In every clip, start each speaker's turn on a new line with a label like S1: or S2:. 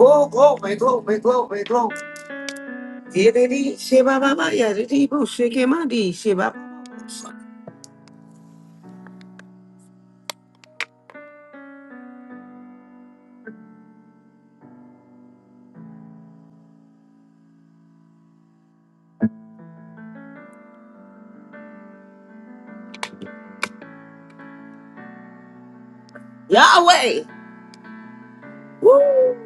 S1: Oh, glory, glory, glory, glory. Yididi, shiba, ba, ba, ya, bo, shiki, ma, di, shiba, ba, ba, ba. Yahweh. Woo.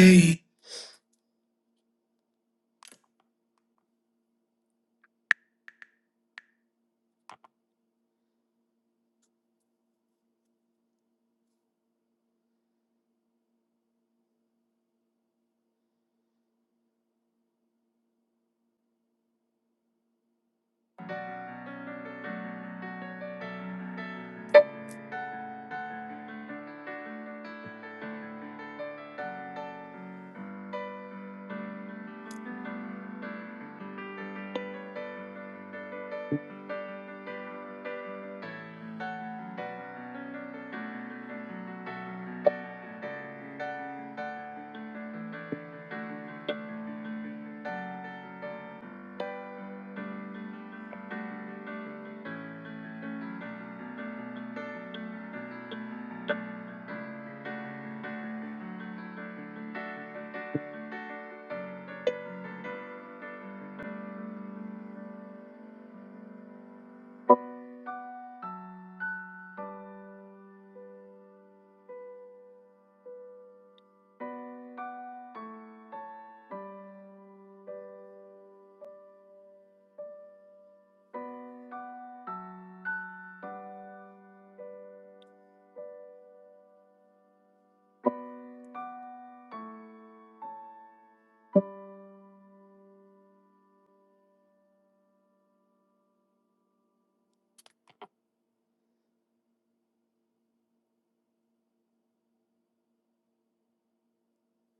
S1: Hey,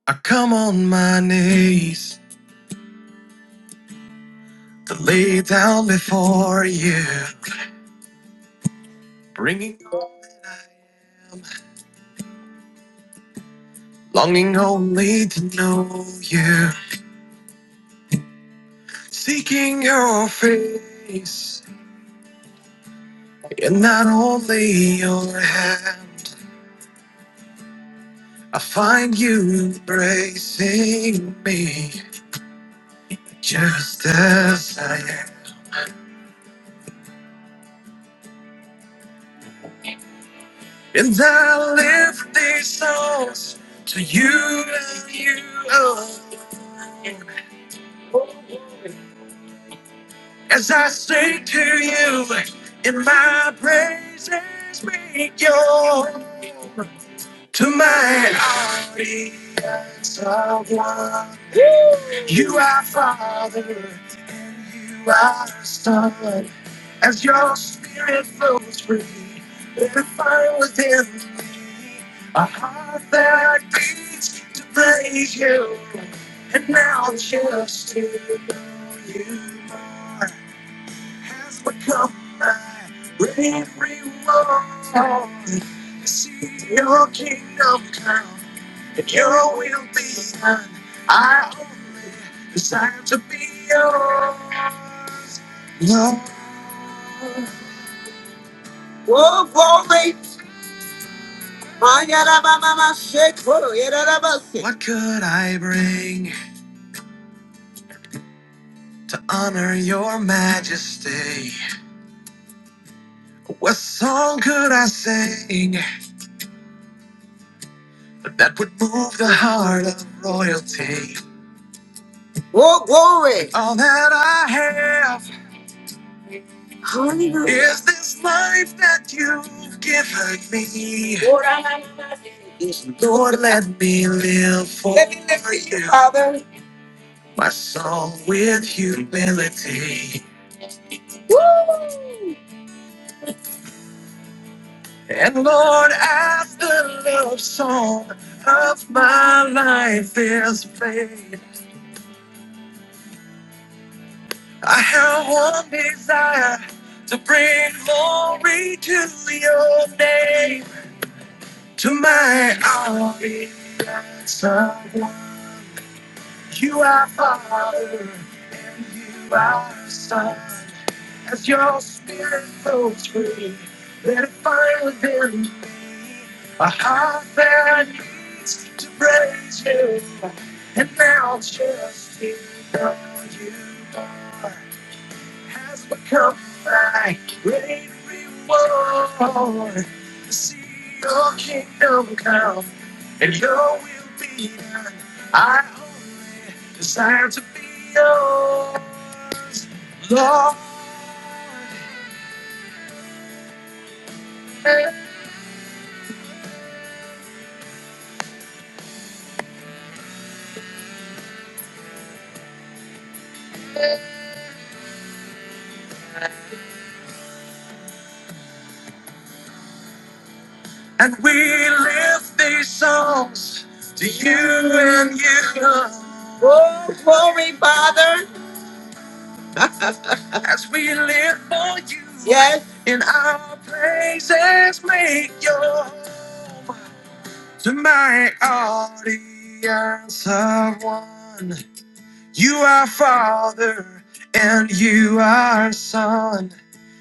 S1: I come on my knees to lay down before you, bringing longing only to know you, seeking your face and not only your hand. I find you embracing me just as I am. And I lift these songs to you and you alone. As I sing to you in my praises be yours. To my audience of one, you are Father and you are Son. As your spirit flows free, let it find within me a heart that beats to praise you. And now just to know you more has become my great reward. To see your kingdom come and your will be done. I only desire to be yours. Love, Whoa, glory. What could I bring to honor your majesty? What song could I sing that would move the heart of royalty? Oh, glory! All that I have is this life that you've given me. Lord, let me live for let me live for you, you. Father. My song with humility. Woo! And Lord, as the love song of my life is played, I have one desire to bring glory to your name, to my audience of one. You are Father, and you are Son. As your spirit flows free, let it find within a heart that needs to praise you. And now just to know you are has become my great reward. To see your kingdom come and your will be done. I only desire to be yours, Lord. And we lift these songs to you and you. alone. Oh, glory, Father. As we live for you. Yes. In our praises, make your home to my audience of one. You are Father and you are Son.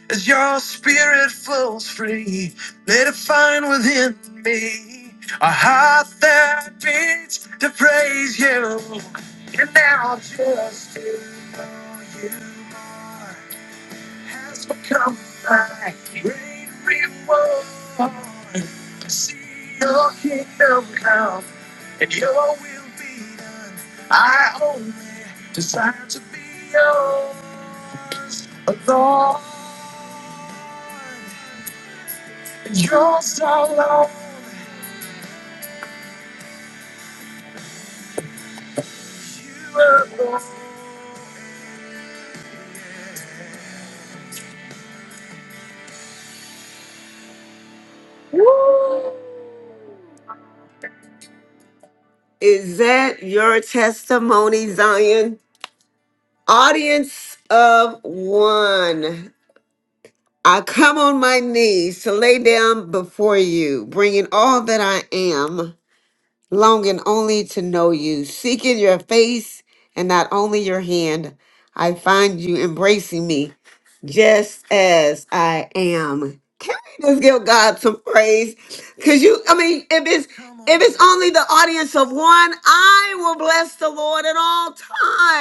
S1: As your spirit flows free, let it find within me a heart that beats to praise you. And now just to know you more has become my great reward. To See your kingdom come and your will be done. I only desire to be yours, Lord, and yours alone. You alone. Woo! Is that your testimony, Zion? Audience of one. I come on my knees to lay down before you, bringing all that I am. longing only to know you, seeking your face and not only your hand. I find you embracing me just as I am. Can we just give God some praise? Cause you, I mean, if it's if it's only the audience of one, I will bless the Lord at all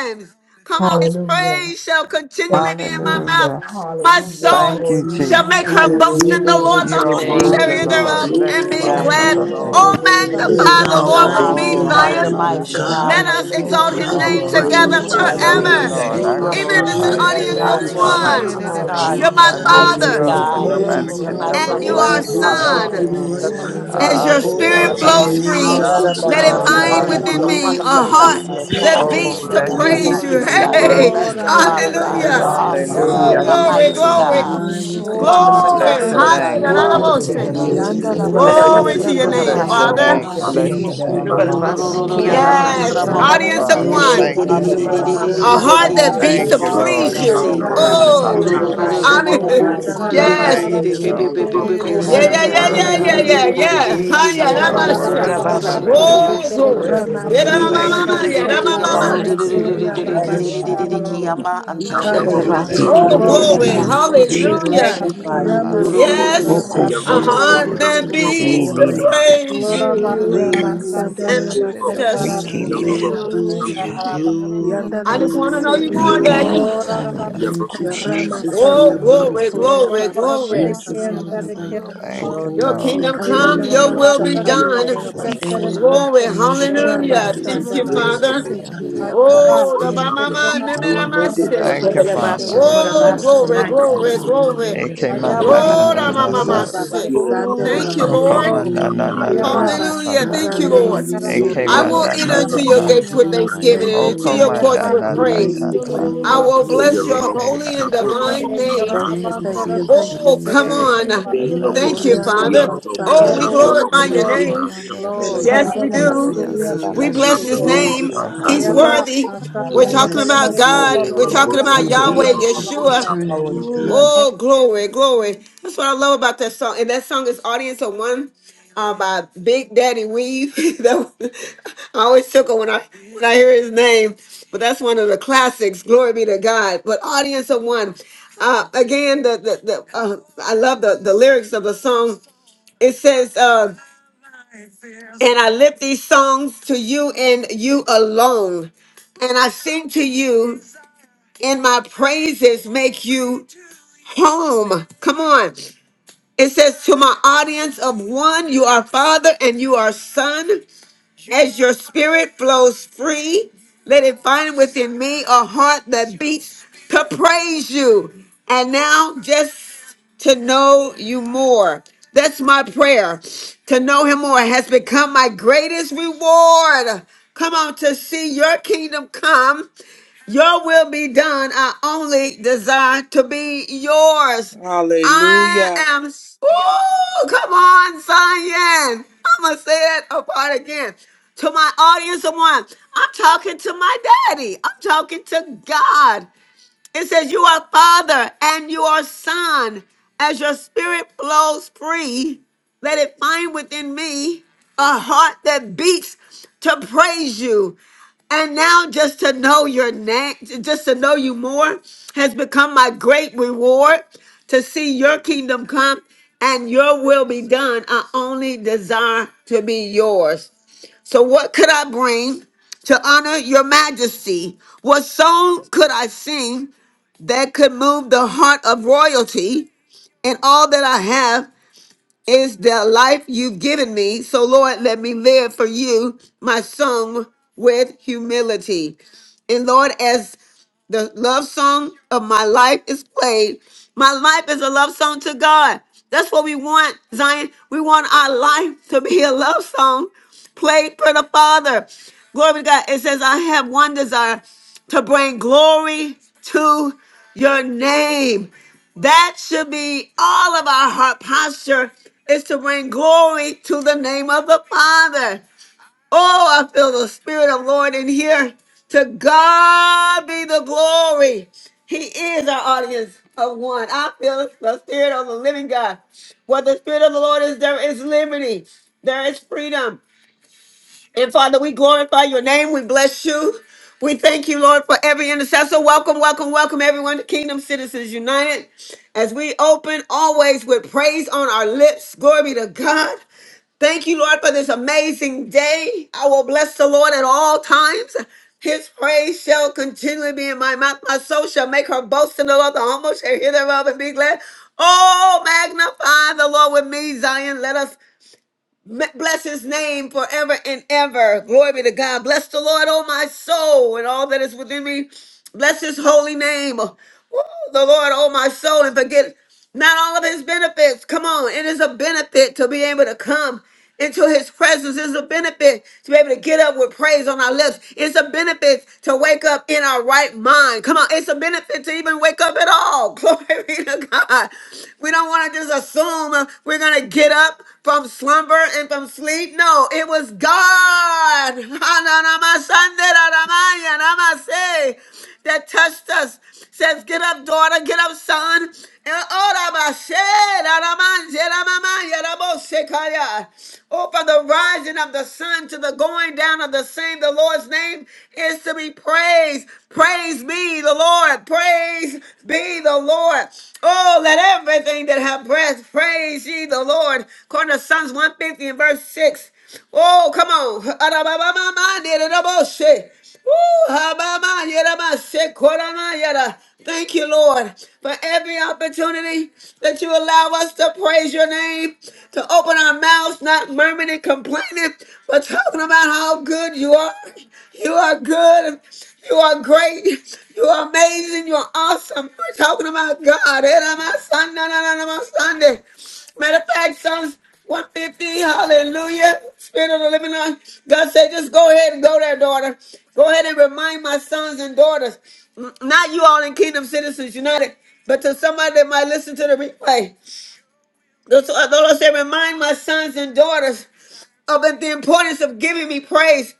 S1: times. Come on, his
S2: Hallelujah.
S1: praise shall
S2: Thank
S1: continually be in
S2: you,
S1: my
S2: Jesus.
S1: mouth.
S3: Hallelujah.
S1: My
S4: Masanda
S2: Hallelujah.
S1: soul
S3: Thank
S2: Glory
S3: you,
S2: to your
S1: shall
S2: name,
S1: make
S4: namasorianda
S3: Jesus.
S1: her
S2: Father. I
S1: boast
S5: Hallelujah.
S1: in
S2: thank
S1: the
S4: namasoria
S2: you.
S5: Glory
S1: Lord.
S3: You
S5: to
S1: The
S6: Hallelujah.
S5: your
S3: are
S1: humble
S5: name,
S4: rabashota.
S1: shall
S3: worthy,
S1: hear
S7: Hallelujah.
S5: Jesus.
S6: Glory,
S2: Hallelujah.
S1: thereof
S5: Bless
S3: Lord.
S5: your
S7: Thank
S3: Bless
S7: you,
S1: and
S5: name,
S3: the
S1: be
S6: glory,
S7: Father
S5: God.
S3: name
S2: Thank
S3: of
S7: God.
S1: glad.
S2: you,
S3: the
S8: Glory
S4: Urianda
S8: to
S2: Lord.
S6: glory
S5: You're
S3: Lord.
S1: Oh,
S8: God.
S2: Yeah, da, da, da,
S4: namasanda
S2: da,
S5: worthy,
S6: to
S7: Oh,
S2: da,
S1: magnify
S6: the
S2: da,
S1: the
S5: God.
S2: da, la,
S8: Hallelujah.
S1: Lord
S5: You're
S2: la,
S1: with
S4: namasanda
S6: mighty
S5: awesome,
S1: me,
S3: Oh,
S7: hallelujah.
S2: la. And
S5: God. You're
S6: Lamb
S1: Zion.
S6: of
S2: Father, I
S5: mighty,
S8: Bless
S7: Hallelujah.
S3: hallelujah.
S8: your
S2: bless
S4: roboshotorianda.
S5: God.
S1: Let
S6: God.
S3: Thank
S2: you.
S8: holy
S1: us
S3: you,
S2: I
S5: Hallelujah.
S2: give
S1: exalt
S2: you
S8: name.
S5: King
S1: his
S9: Ora
S6: I
S10: Glory
S2: the
S5: of
S7: I
S10: to
S3: Jesus.
S6: will
S1: name
S9: baba
S10: God.
S2: glory.
S5: kings and the
S1: together
S6: continue
S7: praise
S5: Lord
S11: Glory,
S9: bako
S3: I
S6: to
S5: of
S2: I
S7: your
S4: Urianda
S2: give
S3: love
S8: You
S3: you,
S5: lords.
S7: holy
S9: shiere
S2: you
S11: glory,
S1: forever.
S9: de
S6: praise
S10: Glory
S2: the
S3: Lord.
S7: name.
S8: alone
S3: I
S6: you
S4: rabasanda
S8: are
S5: You're
S11: glory,
S9: beyanda
S2: honor,
S1: Even if
S9: ya.
S1: it's
S10: to
S1: an
S3: glorify
S2: God.
S6: in
S3: you.
S8: worthy.
S4: namashanda
S3: I
S5: worthy,
S6: the
S2: None
S1: audience
S7: Thank
S1: of
S2: like
S5: God.
S7: you,
S2: you,
S5: You're
S6: mighty
S11: hallelujah,
S3: magnify
S2: none
S7: Father
S3: you.
S4: namaseki
S1: one,
S7: God.
S6: name
S9: Shiere
S5: righteous,
S8: You
S9: de
S6: of
S2: besides
S10: God.
S2: you.
S5: God.
S8: alone
S1: you're
S9: beyanda
S8: are
S1: my
S5: You're
S3: I
S9: da
S4: rabasita.
S6: Jesus.
S9: da
S2: Thank
S3: lift
S2: you
S9: baya
S5: mighty,
S3: you
S2: for
S7: Oh,
S1: father
S3: up
S8: worthy.
S6: We
S7: I
S2: your
S3: for
S5: God.
S9: soko
S6: honor
S7: thank
S11: hallelujah,
S3: nobody
S4: Yes,
S6: you,
S5: You're
S3: can
S5: my
S9: yanda
S2: faithfulness.
S7: you,
S9: da.
S3: love
S6: Lord.
S1: and
S3: us
S1: you
S7: Lord,
S4: Urianda
S2: Thank
S3: like
S7: for
S6: We
S1: are
S5: salvation.
S2: you,
S3: you
S10: Hallelujah.
S11: glory
S2: God.
S3: can
S11: to
S7: something.
S6: worship
S3: love
S11: you,
S4: namasanda
S3: us.
S5: Hallelujah.
S6: you,
S1: son.
S11: Lord
S5: King
S6: Lord.
S5: of
S2: Hallelujah.
S9: Ora
S11: God.
S5: kings
S4: namosoria
S5: and
S3: I
S2: Yeah,
S5: the
S9: baba
S2: da,
S1: As
S10: Hallelujah.
S2: da,
S1: your
S5: Lord
S3: honor
S2: da, da,
S8: Hallelujah.
S5: of
S9: kanda
S2: da,
S3: you
S2: da,
S6: Call
S4: babashota.
S2: la, la,
S1: spirit
S7: Lord.
S5: lords.
S6: out
S2: la.
S9: ye
S7: Hey,
S6: your
S11: hallelujah,
S9: de
S2: la,
S3: today.
S9: de
S3: I
S1: flows
S3: give
S9: beya
S6: name,
S3: you
S11: Aya
S1: free,
S5: Thank
S7: hallelujah.
S11: ba
S12: Lord,
S5: you,
S3: all
S11: ba
S3: the
S8: Blessed
S6: Father
S8: be
S11: ba
S1: let
S9: sikiere
S8: the
S1: it
S11: ba
S9: de
S6: God.
S2: yeah,
S9: de
S5: Jesus.
S3: glory,
S2: da
S11: ba
S6: We
S8: name
S7: Thank
S3: the
S9: be.
S2: da
S8: of
S11: ra
S8: the
S1: find
S2: da
S6: say
S7: you,
S12: to
S11: ra
S3: honor,
S4: Thank
S2: da
S4: you,
S11: ra
S3: and the
S2: da
S1: within
S5: Hallelujah.
S11: ra
S2: da
S8: Lord.
S7: Father
S11: ba,
S1: me
S3: praise.
S4: Father,
S7: God.
S2: da da
S5: Wonderful
S4: for
S1: a
S6: glory to
S4: your
S2: da
S1: heart
S4: mama
S6: your
S2: da
S5: counselor,
S2: shit,
S4: sister,
S5: God.
S1: that
S6: name.
S2: da
S9: Shiela
S2: da
S4: the
S7: You're
S3: Oh,
S2: da
S9: la
S1: beats
S2: da
S8: Blessed
S1: to
S2: da
S4: spirits
S8: be
S3: bless
S4: we
S8: the
S3: the
S5: Prince
S7: worthy.
S5: of
S1: praise
S2: da
S8: name
S9: bayando.
S6: Glory
S3: name
S1: you.
S5: peace,
S3: of
S2: da
S8: of
S6: to
S4: praise
S8: the
S7: You're
S3: the
S2: da.
S4: you,
S5: God.
S6: your
S8: Lord.
S3: Lord.
S1: Hey,
S4: Father.
S7: worthy
S11: oh
S6: name.
S5: Everlasting
S7: to
S11: ra
S2: Yeah,
S9: Ye
S11: ra
S7: be
S2: da
S9: de
S2: da
S11: ra
S5: Father,
S9: de
S2: da
S11: ra
S5: God.
S11: ra
S2: da da
S9: beya
S5: You're
S7: praised.
S2: da
S1: hallelujah.
S11: ra ra ra
S4: Rabba
S2: da da
S5: awesome,
S8: Hallelujah.
S9: sikiela
S11: ba,
S9: la
S5: God.
S1: Oh,
S4: Santa
S3: Hallelujah.
S5: You're
S8: Bless
S4: Mama
S8: your
S1: glory,
S9: bayanda
S7: Hallelujah.
S6: Hallelujah.
S9: da
S5: mighty,
S8: holy
S9: da
S4: Santa
S3: Hallelujah.
S1: glory,
S7: Thank
S5: God.
S9: baya
S4: Mama
S7: you,
S6: I
S8: name.
S6: will
S9: sata ye
S7: Jesus.
S4: Sori
S11: oh
S9: de de
S6: continue
S4: Anda
S11: ta
S5: Wonderful
S6: to
S9: beya.
S11: ra
S3: Bless
S1: Glory.
S11: ba
S1: one
S3: your
S5: counselor,
S11: da
S6: praise
S11: ke
S5: God.
S1: hundred
S3: name,
S4: Rabba
S11: ra
S1: and
S6: you,
S11: ra ra
S1: other
S3: Father.
S2: Yeah,
S5: Glory
S6: Lord.
S2: da
S5: to
S11: ra
S2: da
S11: ra
S5: your
S2: da da.
S8: Glory
S1: voices,
S3: Bless
S9: Thank
S3: your
S5: name,
S9: you,
S3: name.
S8: to
S4: Yanda
S6: Thank
S11: ke
S5: Jesus.
S11: ke
S7: Yeah,
S4: Yandala
S6: you,
S7: Lord,
S8: God.
S9: Jesus.
S7: for
S11: ke ke
S4: basike
S1: Glory to
S11: ra
S1: your
S6: Father
S11: ra
S7: something.
S2: Yeah,
S11: ra
S7: Yeah,
S1: name,
S11: ra
S3: Bless
S9: Thank
S11: ra
S3: your
S6: God.
S9: you,
S11: ra
S7: Lord,
S1: Father.
S9: Lord
S13: Yobalabasukurabasakan.
S3: name.
S4: ramasandala
S11: ba,
S2: da da
S3: Bless
S2: da da
S9: God.
S3: your
S6: Thank
S8: Yes,
S4: masete.
S8: Lord
S3: name.
S6: you,
S7: for
S8: God.
S2: da da da da.
S7: something.
S6: Lord,
S12: your
S2: Shit,
S9: Ora
S12: name.
S6: for
S4: Eke
S2: da
S9: baba
S11: glory,
S8: Hallelujah.
S4: romo
S9: kaya
S1: Yes.
S9: de
S2: da
S9: de
S6: everything,
S8: Hallelujah.
S13: Yobalabasukiarabasakan.
S3: Hallelujah,
S11: glory,
S4: shandala
S1: Audience of
S9: beyanda
S3: Father.
S9: da da
S2: da da da da da shit, da da shit, da Yeah,
S1: one.
S4: masike
S11: glory,
S2: da
S3: Thank
S9: baya
S3: you,
S2: da
S4: ndene
S2: da
S12: Abba,
S6: everything,
S11: Aya
S2: da da
S11: ba
S9: shata.
S4: nobo
S3: Jesus.
S6: Father
S12: Father.
S2: da
S11: ba ba
S2: shit,
S6: God,
S1: A
S11: ba ba
S2: da
S6: that
S11: ra
S2: da
S11: ra
S1: heart
S4: soriandala.
S6: you are
S11: ra
S1: that
S12: Abba,
S2: shit,
S1: beats
S3: Thank
S1: to
S6: doing.
S3: you,
S13: Yobalabasukurabasakan.
S2: da da
S12: Father.
S1: please
S3: Lord.
S2: da da
S9: Shiere
S11: ra
S9: de
S3: You
S6: What
S1: you.
S2: da
S11: ra
S3: are
S6: you
S2: shit,
S11: ra
S6: are
S9: beya
S2: da da.
S3: worthy
S11: ra
S6: doing,
S8: Glory
S3: to
S11: ba.
S1: Oh.
S8: to
S6: Lord.
S3: be
S9: sikiela
S4: Rabasandala
S12: Praise
S9: la
S8: you,
S3: praised.
S9: bayanda da
S2: Hallelujah,
S9: da
S1: Hallelujah.
S6: Need
S9: baya.
S6: to
S4: masotoriandala
S11: Ora,
S2: hallelujah.
S13: Yobalabasukurabasakan.
S2: Yeah,
S6: praise
S1: Yes.
S2: da
S3: Thank
S2: da
S6: you,
S4: masete.
S3: you,
S2: da da
S6: Lord.
S3: Lord.
S2: da
S8: Lord.
S2: da
S12: and
S2: da shit, da
S3: You
S8: Yeah,
S1: Yeah,
S6: Thank
S2: da da
S12: all
S2: da
S6: you,
S3: are
S1: yeah, yeah,
S4: Ikoriandala
S1: yeah,
S6: Father
S2: da
S3: worthy.
S1: yeah,
S6: God.
S8: be.
S2: da
S1: yeah,
S2: da
S13: Yobalabasukurabasakan.
S4: masandala
S2: da.
S1: yeah.
S9: Yerelebeyandararabayandororabaya,
S1: Hi,
S6: Thank
S1: yeah,
S6: you,
S2: Yeah,
S3: You
S2: da
S1: that
S2: da
S3: are
S2: da
S4: masatandala
S2: da da
S6: Father
S1: myself.
S3: worthy.
S6: God.
S12: the
S2: da
S8: We love
S4: masete.
S2: shit, da
S12: Lord.
S8: you,
S9: siçerelebeyandararabaya,
S6: Thank
S1: Oh,
S3: Hallelujah.
S12: Glory
S8: Jesus.
S13: Yobalabasukurabasakan.
S1: glory.
S6: you,
S8: We
S1: Yeah, da,
S6: Father
S1: ma,
S2: Yeah,
S8: worship.
S4: Ramasandala
S3: Thank
S1: ma,
S12: to
S6: God,
S3: you,
S1: ma,
S12: your
S1: yeah,
S12: name.
S1: da,
S3: Jesus.
S1: ma,
S6: for
S1: ma,
S4: basatandala
S1: ma.
S3: Glory to
S6: everything,
S3: your
S8: We
S9: şiyalalabayasataye,
S4: masoria
S12: We
S3: name.
S4: baba
S8: adore
S12: Magnify you.
S8: you.
S6: everything,
S4: shatere.
S6: Lord.
S1: Woo.
S9: orababakandaye,
S3: Bless
S4: Ikandala
S3: the
S8: Amen.
S3: name of
S6: glorify
S1: Oh,
S3: the
S6: your
S14: Ekelele
S3: Lord.
S4: masoriandala
S1: glory.
S6: name.
S9: lelebeyandararabaya,
S14: manu
S13: Yobalabasukurabasakan.
S6: We
S4: masete.
S14: kushiki.
S1: Hallelujah.
S6: worship
S9: satayelelebeyanda.
S12: Magnify
S6: you,
S12: you.
S5: Do do
S6: Lord.
S5: do do do
S6: We
S3: Hallelujah.
S5: do
S4: Ramasandala
S1: Yes.
S9: Glory
S14: Oko
S9: to
S6: said
S1: A
S9: God,
S3: Hallelujah.
S12: We
S14: saba.
S4: basike
S9: you
S6: yes,
S9: are
S1: heart
S4: ndene
S6: Lord, to
S1: that
S9: worthy,
S4: nobo
S6: your
S1: beats to
S4: soriandala.
S14: Elele
S9: Jesus.
S6: calling.
S14: la
S1: praise
S14: bakushiki
S1: you.
S14: kile.
S9: Yalalabaya
S10: Ikona
S4: Ramasanda
S1: and
S6: Hallelujah.
S9: sokoye,
S4: Ramasata
S1: just
S14: Rekelele
S9: lelebeyandararabaya,
S4: Bokoria
S12: thank
S4: Basha.
S9: haya.
S14: abakusha.
S6: Hallelujah.
S12: you.
S6: Glory,
S4: Yanda
S1: I just want to know
S6: glory,
S1: you
S4: Ramasoria
S1: more,
S9: Yalalabayandararabaya,
S14: Nikala
S1: Daddy.
S6: glory.
S4: Basata.
S9: şatayelelebeya,
S12: Thank
S14: amanu
S6: Thank
S12: you
S6: you,
S12: to
S14: kushiki.
S6: Jesus, for
S4: Ramasanda
S1: Oh,
S3: Thank
S6: your
S3: you,
S9: sikiyelelebeyandararabaya.
S1: glory,
S3: Jesus.
S6: mercy.
S4: Ramakoria
S1: glory,
S11: Robo tere
S1: glory.
S6: Thank
S4: Babashata
S6: you,
S11: kian
S6: Father
S11: tere
S6: God,
S11: kira
S4: Ramasita.
S11: robo.
S6: for
S3: Thank
S12: glory.
S3: you,
S1: Your
S12: to
S9: Yalalabayandararabaya,
S6: all
S3: Lord.
S12: your
S1: kingdom
S6: that
S9: sokoye,
S4: Ikanda
S1: come,
S6: you
S1: your
S6: are
S1: will be
S4: Ramasata
S6: doing,
S12: name.
S8: We
S9: lelebeyandararabaya,
S12: Yes,
S1: done.
S8: love you,
S6: for
S7: Yellow,
S9: şoto.
S12: Lord God.
S8: Jesus.
S4: Rabase.
S1: Glory,
S6: everything that
S12: Yes,
S6: you are
S1: hallelujah.
S9: Shialalabaya
S6: doing
S1: Thank
S8: Blessed
S4: Rabasanda
S8: be
S1: you,
S8: the
S6: for
S8: name
S6: us,
S7: Yellow,
S8: of the
S1: Father.
S6: Father
S12: thank
S9: Satayadebeya
S6: God.
S8: Lord.
S12: you,
S4: Ramaseki
S12: Lord God.
S9: Darabaya
S6: I
S1: Oh, the
S4: Yabashutia.
S6: thank
S1: mama,
S6: you. I
S9: Chirebeya
S4: Nende
S6: glorify
S1: mama,
S3: Thank
S6: your
S3: you,
S6: name.
S4: Rabasanda
S3: Father.
S1: Oh,
S6: I
S9: Shialalabaya
S8: Yes,
S4: Ramaseki
S8: Lord
S1: glory,
S13: Yobalabasukurabasakan.
S6: thank
S3: Hoshakana.
S8: God.
S9: Darabaya
S6: you,
S1: glory,
S4: Rabasan.
S6: Lord.
S1: glory.
S9: Sokoye
S8: Hallelujah.
S6: I
S12: Let us,
S9: Rebeya
S8: Hallelujah.
S6: thank
S1: Lord,
S4: Yanda
S6: you,
S1: mama,
S9: Darabaya
S3: Ekemana
S4: Ramasoria
S1: mama,
S6: Jesus.
S9: Darabayando
S4: Babasanda
S1: Thank
S10: Oh,
S1: you,
S3: O
S4: Rabake.
S3: koma
S10: Dios,
S1: Lord.
S3: na na
S6: Hallelujah.
S3: na
S12: let
S3: na
S12: us,
S3: na
S9: Yorabaya
S1: Hallelujah.
S3: santa.
S4: Rabasika
S1: Thank
S4: and
S1: you,
S9: Darabaya
S1: Lord.
S6: Hallelujah.
S3: Eke
S1: I
S9: Sikie
S4: Sorianda
S1: will
S3: mana
S1: enter
S3: na
S4: Ramaseki.
S1: into
S3: na
S1: your
S3: na.
S6: Glory,
S1: gates with
S6: glory,
S9: Shialalabaya
S1: thanksgiving
S4: Thank
S1: and
S3: O
S4: you,
S1: into
S6: glory.
S1: your
S4: thank
S3: koma
S4: you,
S9: Darabaya
S1: courts
S3: na
S1: with
S3: na
S4: thank you,
S3: na
S4: thank
S9: Darabaya
S1: praise.
S4: you,
S6: Glory,
S4: thank
S3: santa.
S1: I
S4: you,
S6: glory,
S9: Darabaya
S1: will bless
S6: glory.
S9: Soko
S1: your
S3: Eke
S1: holy and
S3: mana
S1: divine
S3: kamante.
S1: name.
S4: thank you,
S9: Shialalabaya
S6: Thank
S4: thank you,
S6: you,
S4: thank
S9: Darabaya
S4: you,
S1: Oh,
S4: thank
S1: come
S4: you.
S9: Sitie
S3: Eke
S6: Jesus.
S1: on.
S10: Dios,
S9: Rebeya
S3: mana
S10: Dios,
S1: Thank
S6: Thank
S1: you,
S3: kama.
S6: you,
S9: Darabaya
S4: Oriana
S12: let us
S4: la
S1: Father.
S12: let
S6: Father
S12: us
S4: masanda
S12: praise.
S1: Oh,
S10: Glory,
S1: we
S6: God,
S4: la
S12: you.
S6: for
S11: Glory,
S4: bas,
S1: glorify your
S11: glory,
S6: everything,
S1: name.
S9: Yalalabaya
S11: glory.
S9: Darabaya
S1: Yes,
S4: ikanda
S1: we
S4: la
S12: Hallelujah.
S6: everything,
S1: do.
S9: Dorabaya
S6: Father
S4: masoria
S12: Praise
S10: glory,
S6: God.
S9: Sitie
S12: his
S4: baba
S1: We
S6: I
S12: name.
S6: will
S1: bless
S9: Rebeya
S1: his
S12: Thank
S4: shotoria,
S10: glory.
S1: name.
S12: you,
S9: Darabaya
S3: Asta
S6: glorify
S10: we
S1: He's
S3: koma.
S11: Ayaba,
S6: you.
S10: glorify
S1: worthy.
S6: I
S10: you,
S12: Jesus.
S6: will
S1: We're
S10: Lord.
S4: yana
S9: Yerere
S12: Hallelujah.
S1: talking
S4: la
S6: bless
S9: beyaz
S1: about
S6: you,
S9: saç,
S6: Lord,
S1: God.
S4: masanda
S9: yerere
S1: We're
S4: la
S12: Hallelujah.
S1: talking
S9: beyaz
S1: about
S6: from
S9: saç,
S4: makuria
S9: yerere
S1: Yahweh,
S6: here
S4: baba
S6: to
S9: bayan
S4: seki,
S9: da,
S1: Yeshua.
S11: Ashatandarakirekirekarabasaya.
S9: yerere
S12: Yahweh
S6: eternity,
S10: Glory.
S6: God.
S12: Jesus.
S4: yata.
S1: Oh, glory, glory. That's what I love about that song. And that song is Audience of One uh, by Big Daddy Weave. that was, I always chuckle when I when I hear his name. But that's one of the classics. Glory be to God. But Audience of One. Uh, again, the the, the uh, I love the, the lyrics of the song. It says, uh, and I lift these songs to you and you alone and I sing to you, and my praises make you home. Come on. It says, To my audience of one, you are father and you are son. As your spirit flows free, let it find within me a heart that beats to praise you. And now, just to know you more. That's my prayer. To know him more has become my greatest reward. Come on, to see your kingdom come your will be done. I only desire to be yours. I
S4: Hallelujah.
S1: am. Ooh, come on, Zion. I'm going to say it apart again. To my audience of one, I'm talking to my daddy. I'm talking to God. It says, You are father and you are son. As your spirit flows free, let it find within me a heart that beats to praise you. And now, just to know your name, just to know you more, has become my great reward to see your kingdom come and your will be done. I only desire to be yours. So, what could I bring to honor your majesty? What song could I sing? that could move the heart of royalty and all that I have is the life you've given me. So, Lord, let me live for you, my song, with humility. And, Lord, as the love song of my life is played, my life is a love song to God. That's what we want, Zion. We want our life to be a love song played for the Father. Glory to God. It says, I have one desire to bring glory to your name. That should be all of our heart posture is to bring glory to the name of the Father. Oh, I feel the Spirit of Lord in here. To God be the glory. He is our audience of one. I feel the Spirit of the living God. Where the Spirit of the Lord is, there is liberty, there is freedom. And Father, we glorify your name. We bless you. We thank you, Lord, for every intercessor. Welcome, welcome, welcome, everyone to Kingdom Citizens United. As we open always with praise on our lips, glory be to God. Thank you, Lord, for this amazing day. I will bless the Lord at all times. His praise shall continually be in my mouth. My soul shall make her boast in the Lord. The humble shall hear thereof and be glad. Oh, magnify the Lord with me, Zion. Let us me- Bless his name forever and ever. Glory be to God. Bless the Lord, oh my soul, and all that is within me. Bless his holy name. Woo, the Lord, oh my soul, and forget not all of his benefits. Come on. It is a benefit to be able to come into his presence. It's a benefit to be able to get up with praise on our lips. It's a benefit to wake up in our right mind. Come on, it's a benefit to even wake up at all. Glory be to God. We don't want to just assume uh, we're going to get up from slumber and from sleep. No, it was God that touched us. Says, get up, daughter, get up, son. Oh, from the rising of the sun to the going down of the same, the Lord's name is to be praised. Praise me, the Lord. Praise Praise be the Lord. Oh, let everything that have breath praise ye the Lord. According to Psalms 150 and verse 6. Oh, come on. Arababamamandidaboshe. Woo, habamayeramashekoramayera. Thank you, Lord, for every opportunity that you allow us to praise your name, to open our mouths, not murmuring and complaining, but talking about how good you are. You are good. You are great. You are amazing. You are awesome. We're talking about God. Eh, na, my son, na, na, na, na, my Sunday. Matter of fact, Psalms 150, hallelujah. Spirit of the living God. God said, just go ahead and go there, daughter. Go ahead and remind my sons and daughters. N- Not you all in Kingdom Citizens United, but to somebody that might listen to the replay. The the Lord said, remind my sons and daughters of the importance of giving me praise.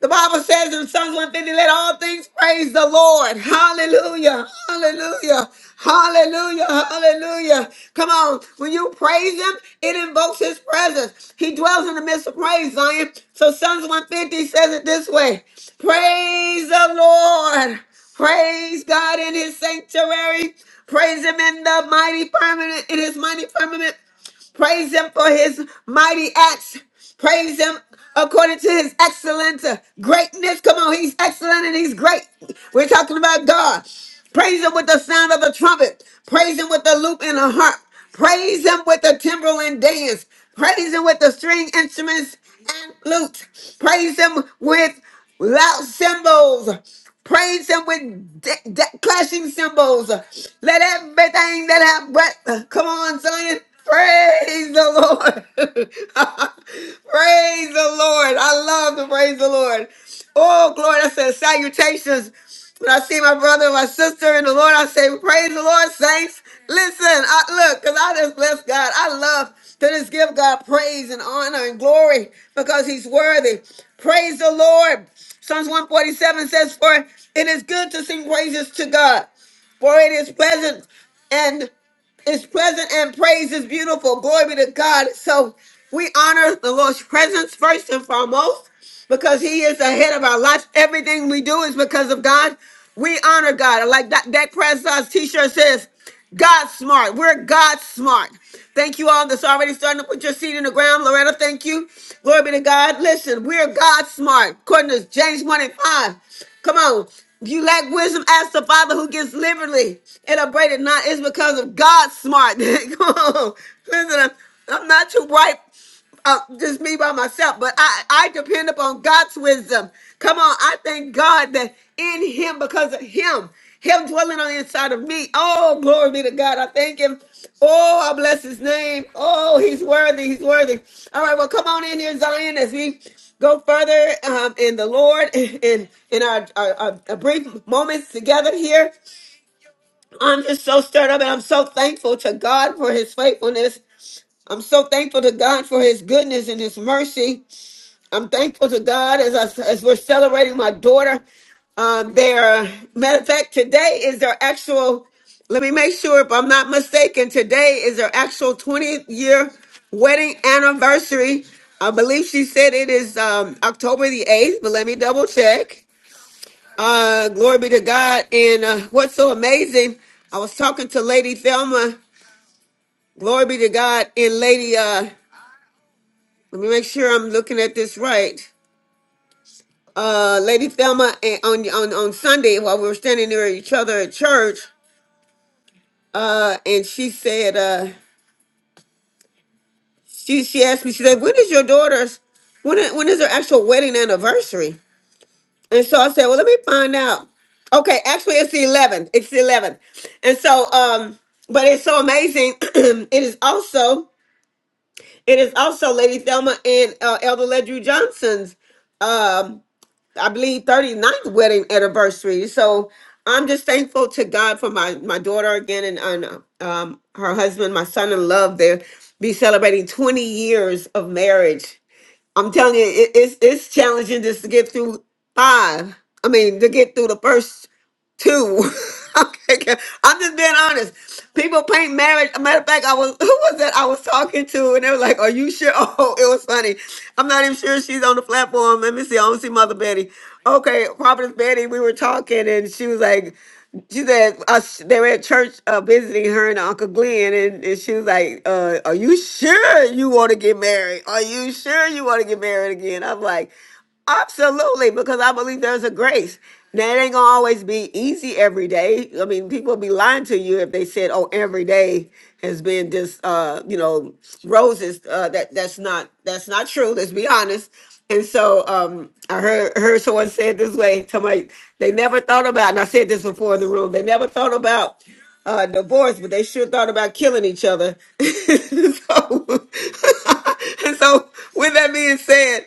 S1: The Bible says in Psalms 150, let all things praise the Lord. Hallelujah. Hallelujah. Hallelujah. Hallelujah. Come on. When you praise him, it invokes his presence. He dwells in the midst of praise, Zion. So Psalms 150 says it this way. Praise the Lord. Praise God in his sanctuary. Praise him in the mighty firmament, in his mighty firmament. Praise him for his mighty acts. Praise him according to his excellent uh, greatness. Come on, he's excellent and he's great. We're talking about God. Praise him with the sound of the trumpet. Praise him with the lute and the harp. Praise him with the timbrel and dance. Praise him with the string instruments and lute. Praise him with loud cymbals. Praise him with de- de- clashing cymbals. Let everything that have breath. Come on, son. Praise the Lord. praise the Lord. I love to praise the Lord. Oh, glory. That says salutations. When I see my brother and my sister in the Lord, I say, Praise the Lord, saints. Listen, I look, because I just bless God. I love to just give God praise and honor and glory because He's worthy. Praise the Lord. Psalms 147 says, For it is good to sing praises to God, for it is pleasant and is present and praise is beautiful. Glory be to God. So we honor the Lord's presence first and foremost because He is the head of our lives. Everything we do is because of God. We honor God. Like that, that President's t shirt says, God smart. We're God smart. Thank you all that's already starting to put your seed in the ground. Loretta, thank you. Glory be to God. Listen, we're God smart. According to James 1 and 5. Come on. If you lack wisdom, ask the Father who gives liberally and upbraided not. It's because of God smart. Come on. Listen, I'm I'm not too bright uh, just me by myself, but I, I depend upon God's wisdom. Come on, I thank God that in Him, because of Him, Him dwelling on the inside of me. Oh, glory be to God. I thank Him. Oh, I bless His name. Oh, He's worthy. He's worthy. All right, well, come on in here, Zion, as we go further um, in the Lord in in our, our, our our brief moments together here. I'm just so stirred up, and I'm so thankful to God for His faithfulness. I'm so thankful to God for his goodness and his mercy. I'm thankful to God as, I, as we're celebrating my daughter. Um, their matter of fact, today is their actual, let me make sure if I'm not mistaken, today is their actual 20th year wedding anniversary. I believe she said it is um, October the 8th, but let me double check. Uh, glory be to God. And uh, what's so amazing, I was talking to Lady Thelma. Glory be to God. And Lady uh, Let me make sure I'm looking at this right. Uh, Lady Thelma eh, on on on Sunday while we were standing near each other at church, uh, and she said, uh, she she asked me, she said, when is your daughter's when i- when is her actual wedding anniversary? And so I said, well, let me find out. Okay, actually, it's the 11th. It's the 11th, and so um, but it's so amazing. it is also it is also Lady Thelma and uh, Elder Ledru Johnson's um, I believe 39th wedding anniversary. So I'm just thankful to God for my my daughter again and, and um her husband, my son in love. They'll be celebrating 20 years of marriage I'm telling you, it, it's it's challenging just to get through five. I mean, to get through the first two. Okay, I'm just being honest. People paint marriage. A matter of fact, I was who was that I was talking to, and they were like, "Are you sure?" Oh, it was funny. I'm not even sure she's on the platform. Let me see. I don't see Mother Betty. Okay, Providence Betty. We were talking, and she was like she said us they were at church uh, visiting her and Uncle Glenn, and, and she was like, uh, "Are you sure you want to get married? Are you sure you want to get married again?" I'm like, Absolutely, because I believe there's a grace. Now, it ain't gonna always be easy every day. I mean, people be lying to you if they said, "Oh, every day has been just, uh, you know, roses." Uh, that that's not that's not true. Let's be honest. And so, um, I heard heard someone say it this way. Somebody they never thought about, and I said this before in the room. They never thought about uh, divorce, but they sure thought about killing each other. so, and so, with that being said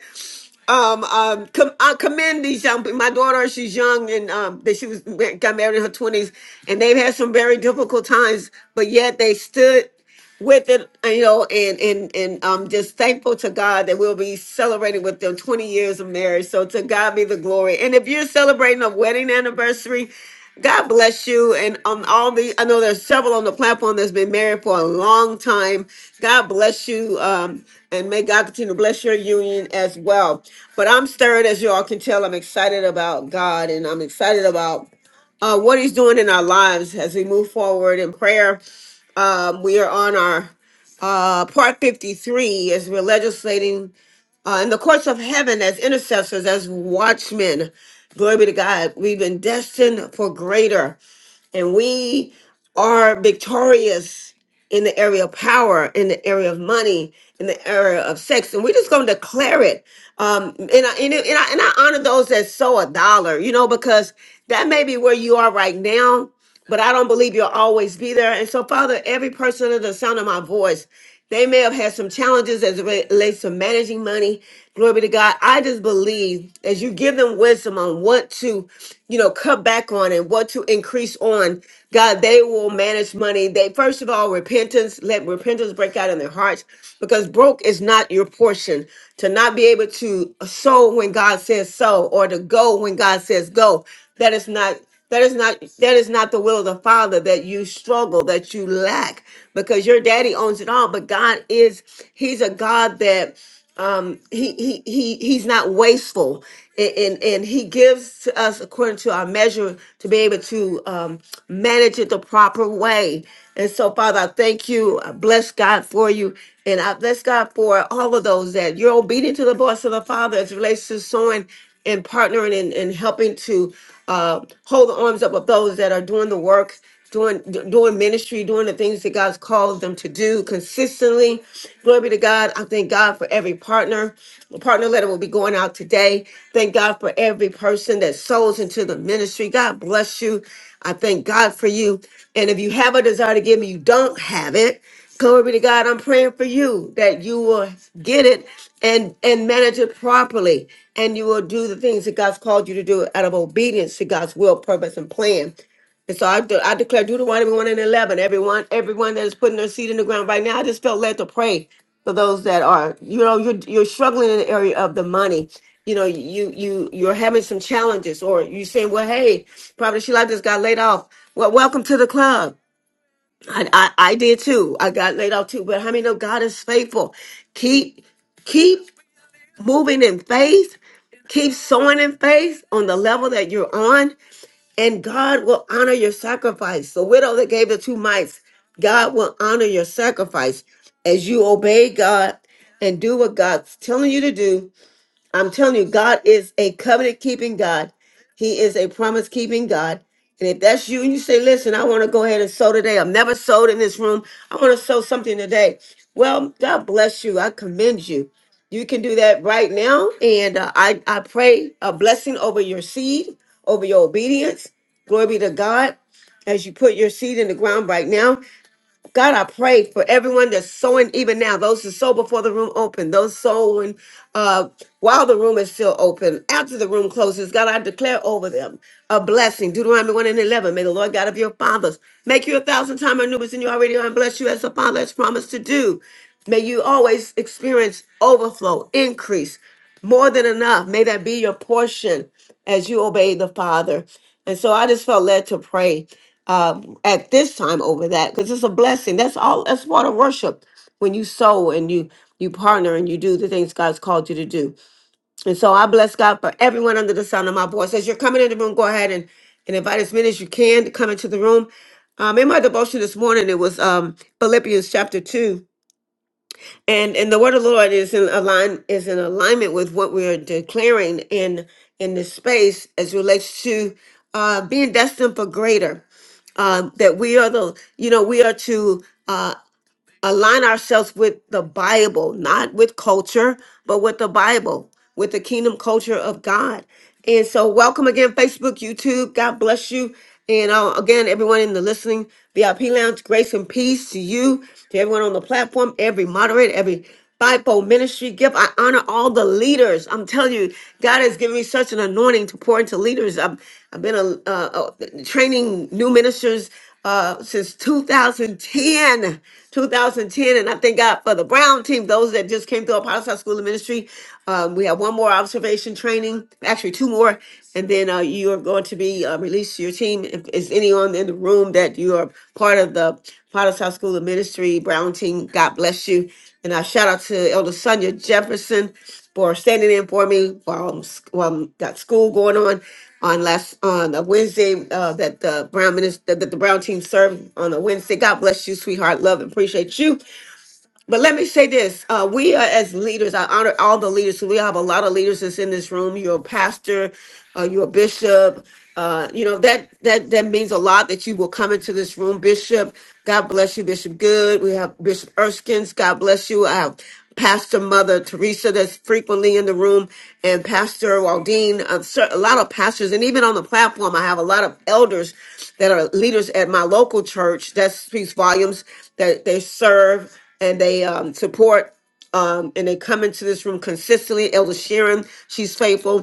S1: um, um, com- I commend these young. My daughter, she's young, and um, that she was got married in her twenties, and they've had some very difficult times, but yet they stood with it, and, you know, and and and I'm just thankful to God that we'll be celebrating with them 20 years of marriage. So to God be the glory. And if you're celebrating a wedding anniversary, God bless you. And on all the, I know there's several on the platform that's been married for a long time. God bless you, um, and may God continue to bless your union as well. But I'm stirred, as you all can tell. I'm excited about God, and I'm excited about uh, what he's doing in our lives as we move forward in prayer. Um, we are on our uh, part 53 as we're legislating uh, in the courts of heaven as intercessors, as watchmen. Glory be to God. We've been destined for greater and we are victorious in the area of power, in the area of money, in the area of sex, and we're just going to declare it. Um, and I, and, it- and I and I honor those that sow a dollar, you know, because that may be where you are right now, but I don't believe you'll always be there. And so, Father, every person under the sound of my voice. They may have had some challenges as it relates to managing money. Glory be to God. I just believe as you give them wisdom on what to, you know, cut back on and what to increase on, God, they will manage money. They first of all repentance, let repentance break out in their hearts because broke is not your portion. To not be able to sow when God says sow, or to go when God says go. That is not that is not that is not the will of the Father that you struggle, that you lack, because your daddy owns it all. But God is, He's a God that um he he he he's not wasteful and, and and he gives to us according to our measure to be able to um manage it the proper way and so father i thank you i bless god for you and i bless god for all of those that you're obedient to the voice of the father as it relates to sowing and partnering and, and helping to uh hold the arms up of those that are doing the work doing d- doing ministry, doing the things that God's called them to do consistently. Glory be to God. I thank God for every partner. The partner letter will be going out today. Thank God for every person that sows into the ministry. God bless you. I thank God for you. And if you have a desire to give me, you don't have it. Glory be to God. I'm praying for you that you will get it and and manage it properly, and you will do the things that God's called you to do out of obedience to God's will, purpose, and plan. And so I, de- I declare Deuteronomy 1 and 11, everyone, everyone that is putting their seed in the ground right now, I just felt led to pray for those that are, you know, you're, you're struggling in the area of the money. You know, you, you, you're having some challenges or you saying, well, hey, probably she like just got laid off. Well, welcome to the club. I, I, I did too. I got laid off too, but how many know God is faithful? Keep, keep moving in faith keep sowing in faith on the level that you're on and God will honor your sacrifice. The widow that gave the two mites, God will honor your sacrifice as you obey God and do what God's telling you to do. I'm telling you, God is a covenant keeping God. He is a promise keeping God. And if that's you and you say, listen, I want to go ahead and sow today. I've never sowed in this room. I want to sow something today. Well, God bless you. I commend you. You can do that right now. And uh, I, I pray a blessing over your seed, over your obedience. Glory be to God as you put your seed in the ground right now. God, I pray for everyone that's sowing even now, those who sow before the room open, those sowing uh, while the room is still open, after the room closes. God, I declare over them a blessing. Deuteronomy 1 and 11. May the Lord God of your fathers make you a thousand times more numerous than you already are and bless you as the Father has promised to do. May you always experience overflow, increase, more than enough. May that be your portion as you obey the Father. And so I just felt led to pray uh, at this time over that because it's a blessing. That's all. That's part of worship when you sow and you you partner and you do the things God's called you to do. And so I bless God for everyone under the sound of my voice. As you're coming in the room, go ahead and and invite as many as you can to come into the room. Um, in my devotion this morning, it was um, Philippians chapter two and and the word of the lord is in align is in alignment with what we are declaring in in this space as relates to uh being destined for greater um that we are the you know we are to Uh, align ourselves with the Bible, not with culture, but with the Bible, with the kingdom culture of God. And so, welcome again, Facebook, YouTube. God bless you. And uh, again, everyone in the listening VIP lounge, grace and peace to you, to everyone on the platform, every moderator, every fivefold ministry gift. I honor all the leaders. I'm telling you, God has given me such an anointing to pour into leaders. I've, I've been a, uh, uh, training new ministers uh, since 2010, 2010, and I thank God for the Brown team. Those that just came through Apostle School of Ministry, um, we have one more observation training, actually two more, and then uh, you are going to be uh, released to your team. If is anyone in the room that you are part of the Potter's House School of Ministry Brown team, God bless you. And I shout out to Elder Sonia Jefferson for standing in for me while I'm, s- while I'm got school going on on last on a Wednesday uh, that the Brown minister that the Brown team served on a Wednesday. God bless you, sweetheart. Love and appreciate you. But let me say this: uh, we are as leaders. I honor all the leaders. So we have a lot of leaders that's in this room. You're a pastor, uh, you're a bishop. Uh, you know that that that means a lot that you will come into this room, Bishop. God bless you, Bishop Good. We have Bishop Erskine's. God bless you. I have Pastor Mother Teresa that's frequently in the room, and Pastor Waldine. Uh, cer- a lot of pastors, and even on the platform, I have a lot of elders that are leaders at my local church. That speaks volumes that they serve and they um, support um, and they come into this room consistently. Elder Sharon, she's faithful.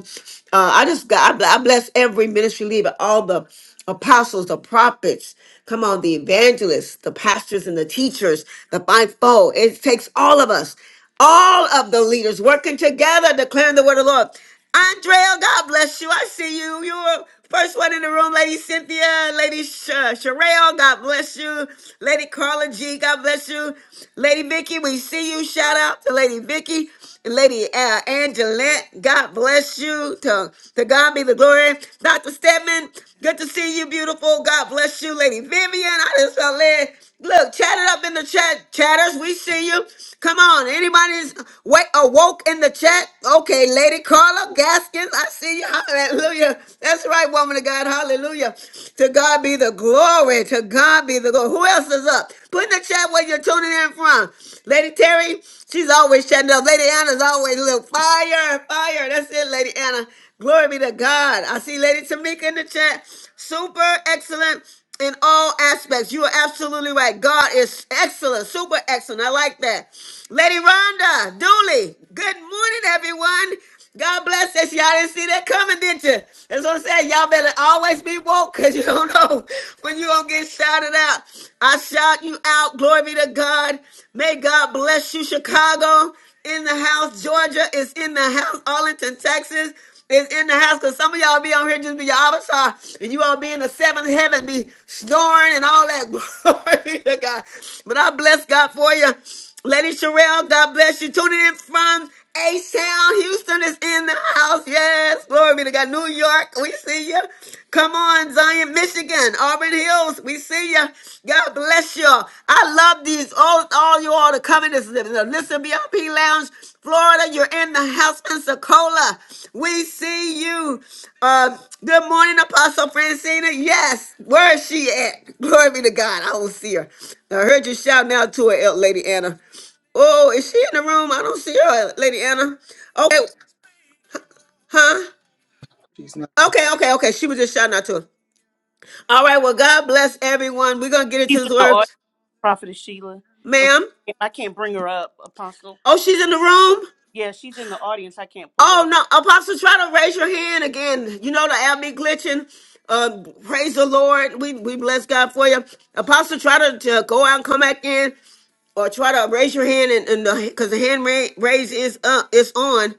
S1: Uh, I just God, I bless every ministry leader, all the apostles, the prophets, come on, the evangelists, the pastors, and the teachers, the fivefold. It takes all of us all of the leaders working together, declaring the word of the Lord. Andrea, God bless you. I see you. You were first one in the room, Lady Cynthia, Lady Sh- uh, Sherelle, God bless you. Lady Carla G, God bless you. Lady Vicky, we see you. Shout out to Lady Vicky. Lady uh, Angelette, God bless you. To, to God be the glory. Dr. Stedman, good to see you, beautiful. God bless you. Lady Vivian, I just felt led Look, chat it up in the chat, chatters. We see you. Come on on. Anybody's wake awoke in the chat? Okay, Lady Carla Gaskins, I see you. Hallelujah. That's right, woman of God. Hallelujah. To God be the glory. To God be the glory. Who else is up? Put in the chat where you're tuning in from. Lady Terry, she's always shutting up. Lady Anna's always a little fire, fire. That's it, Lady Anna. Glory be to God. I see Lady Tamika in the chat. Super excellent in all aspects. You are absolutely right. God is excellent, super excellent. I like that. Lady Rhonda Dooley, good morning, everyone. God bless us. Y'all didn't see that coming, did you? That's what I'm saying. Y'all better always be woke because you don't know when you're going to get shouted out. I shout you out. Glory be to God. May God bless you, Chicago. In the house, Georgia is in the house, Arlington, Texas is in the house because some of y'all be on here just be your avatar and you all be in the seventh heaven, be snoring and all that. Glory to God. But I bless God for you. Lady Sherelle, God bless you. Tuning in from A Town, Houston is in the house. Yes, glory be to God. New York, we see you. Come on, Zion, Michigan, Auburn Hills, we see you. God bless you. I love these. All, all you all to come in this the Listen VIP Lounge, Florida. You're in the house, Pensacola. We see you. Uh, good morning, Apostle Francina. Yes, where is she at? Glory be to God. I don't see her. I heard you shout now to her, El- Lady Anna. Oh, is she in the room? I don't see her, Lady Anna. Okay, huh? Okay, okay, okay. She was just shouting out to her. All right, well, God bless everyone. We're going to get
S10: She's
S1: into
S10: in
S1: this
S10: the
S1: word.
S10: audience, Prophetess Sheila. Okay,
S1: ma'am.
S10: I can't bring her up, Apostle.
S1: Oh, she's in the room.
S10: Yeah, she's in the audience. I can't pull her.
S1: Oh no, Apostle, try to raise your hand again. You know the app be glitching. Uh, praise the Lord. We we bless God for you. Apostle, try to, to go out and come back in. or try to raise your hand and, and the because the hand ra- raise is up is on.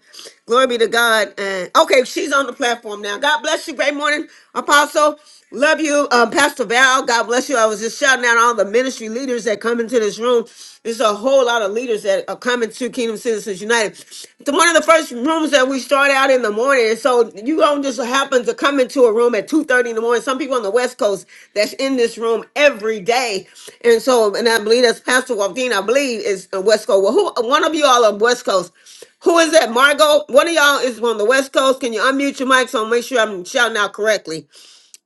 S1: Glory be to God. And okay, she's on the platform now. God bless you. Great morning, Apostle. Love you, um, Pastor Val. God bless you. I was just shouting out all the ministry leaders that come into this room. There's a whole lot of leaders that are coming to Kingdom Citizens United. The- One of the first such rooms that we start out in the morning. So you don't just happen to come into a room at two thirty in the morning. Some people on the West Coast that's in this room every day, and so and I believe that's Pastor Waldine. I believe is a West Coast. Well, who one of you all on West Coast? Who is that? Margot. One of y'all is on the West Coast. Can you unmute your mic so I'll make sure I'm shouting out correctly?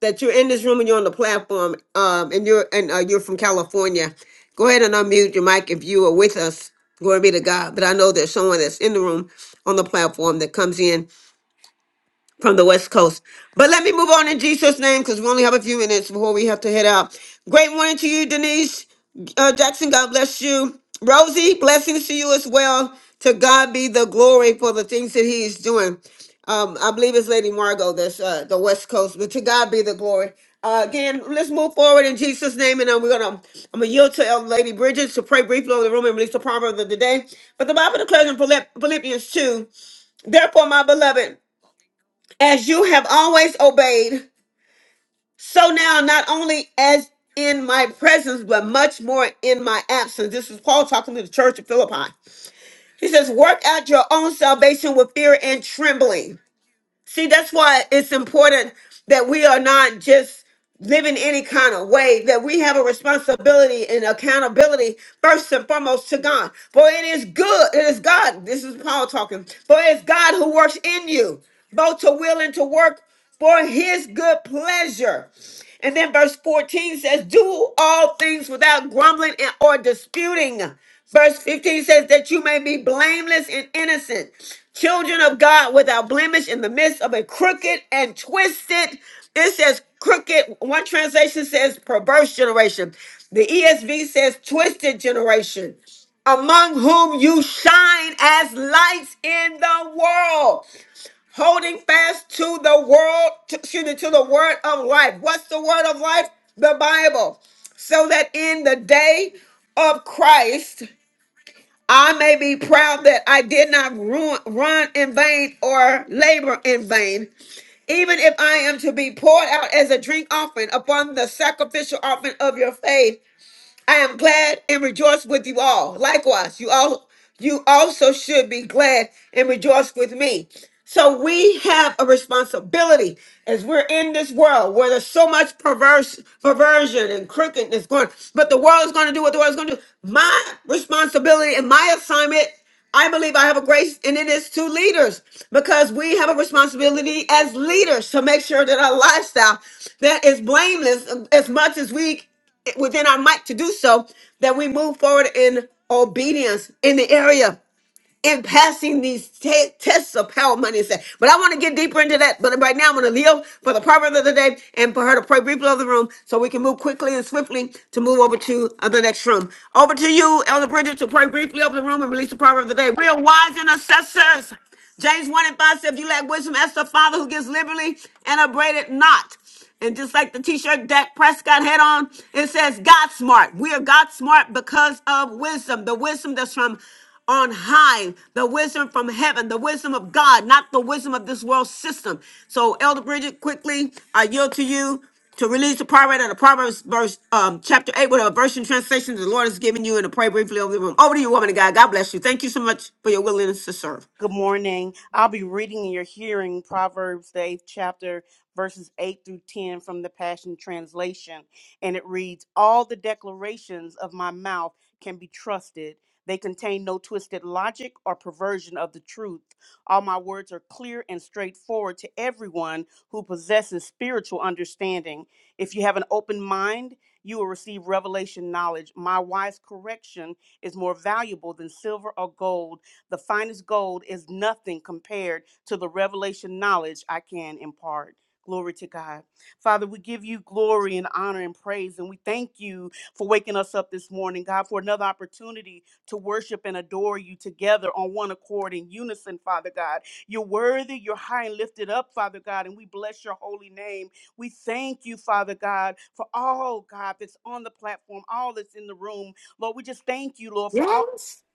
S1: that you're in this room and you're on the platform, um, and you're and uh, you're from California. Go ahead and unmute your mic if you are with us. Glory be to God. But I know there's someone that's in the room on the platform that comes in from the West Coast. But let me move on in Jesus' name because we only have a few minutes before we have to head out. Great morning to you, Denise uh, Jackson. God bless you. Rosie, blessings to you as well. To God be the glory for the things that He is doing. Um, I believe it's Lady Margot that's uh, the West Coast, but to God be the glory. Uh, again, let's move forward in Jesus' name, and uh, we're gonna I'm gonna yield to Elder Lady Bridges to pray briefly over the room and release the proverb of the day. But the Bible declares in Philipp- Philippians 2, therefore, my beloved as you have always obeyed, so now not only as in my presence, but much more in my absence. This is Paul talking to the church of Philippi. He says, Work out your own salvation with fear and trembling. See, that's why it's important that we are not just living any kind of way, that we have a responsibility and accountability first and foremost to God. For it is good, it is God. This is Paul talking. For it is God who works in you, both to will and to work for his good pleasure. And then verse 14 says, Do all things without grumbling and- or disputing. Verse 15 says, That you may be blameless and innocent, children of God without blemish in the midst of a crooked and twisted. It says crooked. One translation says perverse generation. The ESV says twisted generation among whom you shine as lights in the world holding fast to the world, to, excuse me, to the word of life. What's the word of life? The Bible. So that in the day of Christ, I may be proud that I did not ruin, run in vain or labor in vain, even if I am to be poured out as a drink offering upon the sacrificial offering of your faith. I am glad and rejoice with you all. Likewise, you all you also should be glad and rejoice with me. So we have a responsibility as we're in this world where there's so much perverse perversion and crookedness going, but the world is going to do what the world is going to do. My responsibility and my assignment, I believe I have a grace, and it is to leaders because we have a responsibility as leaders to make sure that our lifestyle that is blameless as much as we within our might to do so, that we move forward in obedience in the area in passing these te- tests of power, money, and sex. But I want to get deeper into that. But right now, I'm going to leave for the proverb of the day and for her to pray briefly over the room so we can move quickly and swiftly to move over to uh, the next room. Over to you, Elder Bridget, to pray briefly over the room and release the proverb of the day. Real wise intercessors. James 1 and 5 said, If you lack wisdom, ask the Father who gives liberally and upbraid it not. And just like the t-shirt Dak Prescott had on, it says God smart. We are God smart because of wisdom. The wisdom that's from on high, the wisdom from heaven, the wisdom of God, not the wisdom of this world system. So Elder Bridget, quickly, I yield to you to release the proverb out of Proverbs verse um, chapter 8 with a version translation the Lord has given you and to pray briefly over the room. Over to you, woman of God. God bless you. Thank you so much for your willingness to serve.
S10: Good morning. I'll be reading in your hearing Proverbs, the eighth chapter, verses 8 through 10 from the Passion Translation. And it reads All the declarations of my mouth can be trusted. They contain no twisted logic or perversion of the truth. All my words are clear and straightforward to everyone who possesses spiritual understanding. If you have an open mind, you will receive revelation knowledge. My wise correction is more valuable than silver or gold the finest gold is nothing compared to the revelation knowledge I can impart. Glory to God. Father, we give you glory and honor and praise, and we thank you for waking us up this morning, God, for another opportunity to worship and adore you together on one accord in unison, Father God. You're worthy, you're high and lifted up, Father God, and we bless your holy name. We thank you, Father God, for all, God, that's on the platform, all that's in the room. Lord, we just thank you, Lord, for all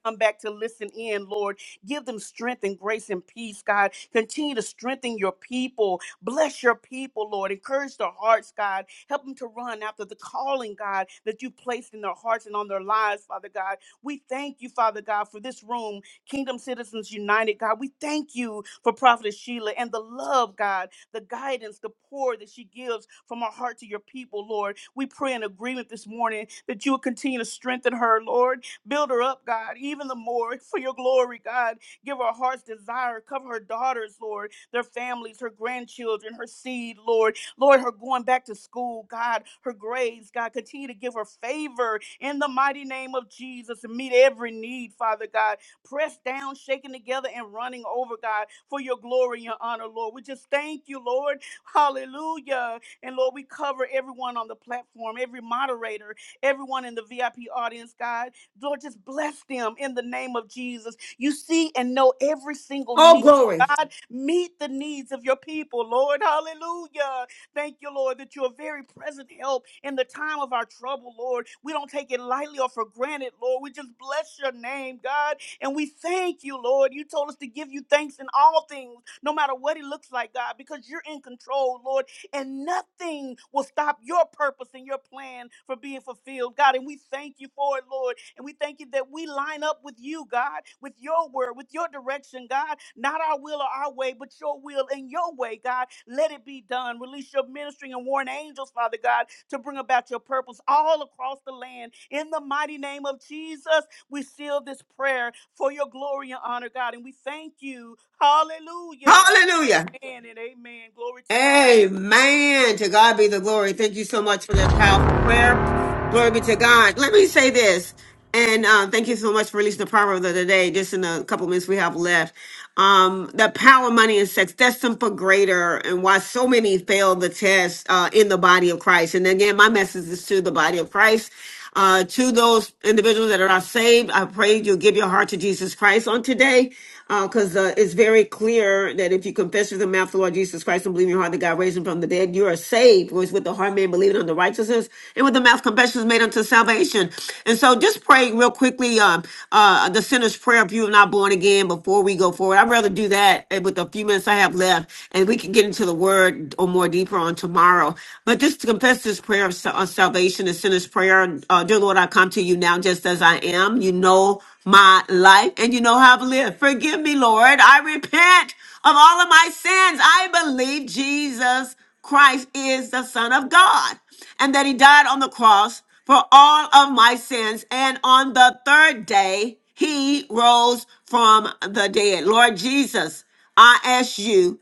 S10: come back to listen in, Lord. Give them strength and grace and peace, God. Continue to strengthen your people. Bless your people, Lord. Encourage their hearts, God. Help them to run after the calling, God, that you placed in their hearts and on their lives, Father God. We thank you, Father God, for this room, Kingdom Citizens United, God. We thank you for Prophetess Sheila and the love, God, the guidance, the pour that she gives from her heart to your people, Lord. We pray in agreement this morning that you will continue to strengthen her, Lord Build her up, God, even the more for your glory, God. Give her heart's desire. Cover her daughters, Lord, their families, her grandchildren, her seed, Lord. Lord, her going back to school, God, her grades, God. Continue to give her favor in the mighty name of Jesus and meet every need, Father God. Pressed down, shaken together, and running over, God, for your glory and your honor, Lord. We just thank you, Lord. Hallelujah. And Lord, we cover everyone on the platform, every moderator, everyone in the VIP audience, God. Lord, just bless them in the name of Jesus. You see and know every single
S1: Oh,
S10: need.
S1: glory.
S10: God, meet the needs of your people, Lord. Hallelujah. Thank you, Lord, that you're a very present help in the time of our trouble, Lord. We don't take it lightly or for granted, Lord. We just bless your name, God. And we thank you, Lord. You told us to give you thanks in all things, no matter what it looks like, God, because you're in control, Lord and nothing will stop your purpose and your plan from being fulfilled, God. And we thank you for it, Lord. And we thank you that we line up with you, God, with your word, with your direction, God. Not our will or our way, but your will and your way, God. Let it be done. Release your ministering and warring angels, Father God, to bring about your purpose all across the land. In the mighty name of Jesus, we seal this prayer for your glory and honor, God. And we thank you. Hallelujah.
S1: Hallelujah.
S10: Amen and amen. Glory to God.
S1: Amen. To God be the glory. Thank you so much for that powerful prayer. Glory be to God. Let me say this, and uh, thank you so much for releasing the proverb of the day. Just in a couple minutes we have left, um, the power, money, and sex—that's for greater, and why so many fail the test uh, in the body of Christ. And again, my message is to the body of Christ. Uh, to those individuals that are not saved, I pray you give your heart to Jesus Christ on today, because uh, it's very clear that if you confess with your mouth the Lord Jesus Christ and believe in your heart that God raised him from the dead, you are saved. Whereas with the heart man believing unto righteousness, and with the mouth confession is made unto salvation. And so just pray real quickly um, uh, the sinner's prayer if you are not born again before we go forward. I'd rather do that uh, with the few minutes I have left, and we can get into the word or more deeper on tomorrow. But just to confess this prayer of sa- of salvation, the sinner's prayer, uh, dear Lord, I come to you now just as I am. You know my life and you know how I've lived. Forgive me, Lord. I repent of all of my sins. I believe Jesus Christ is the Son of God and that he died on the cross for all of my sins. And on the third day, he rose from the dead. Lord Jesus, I ask you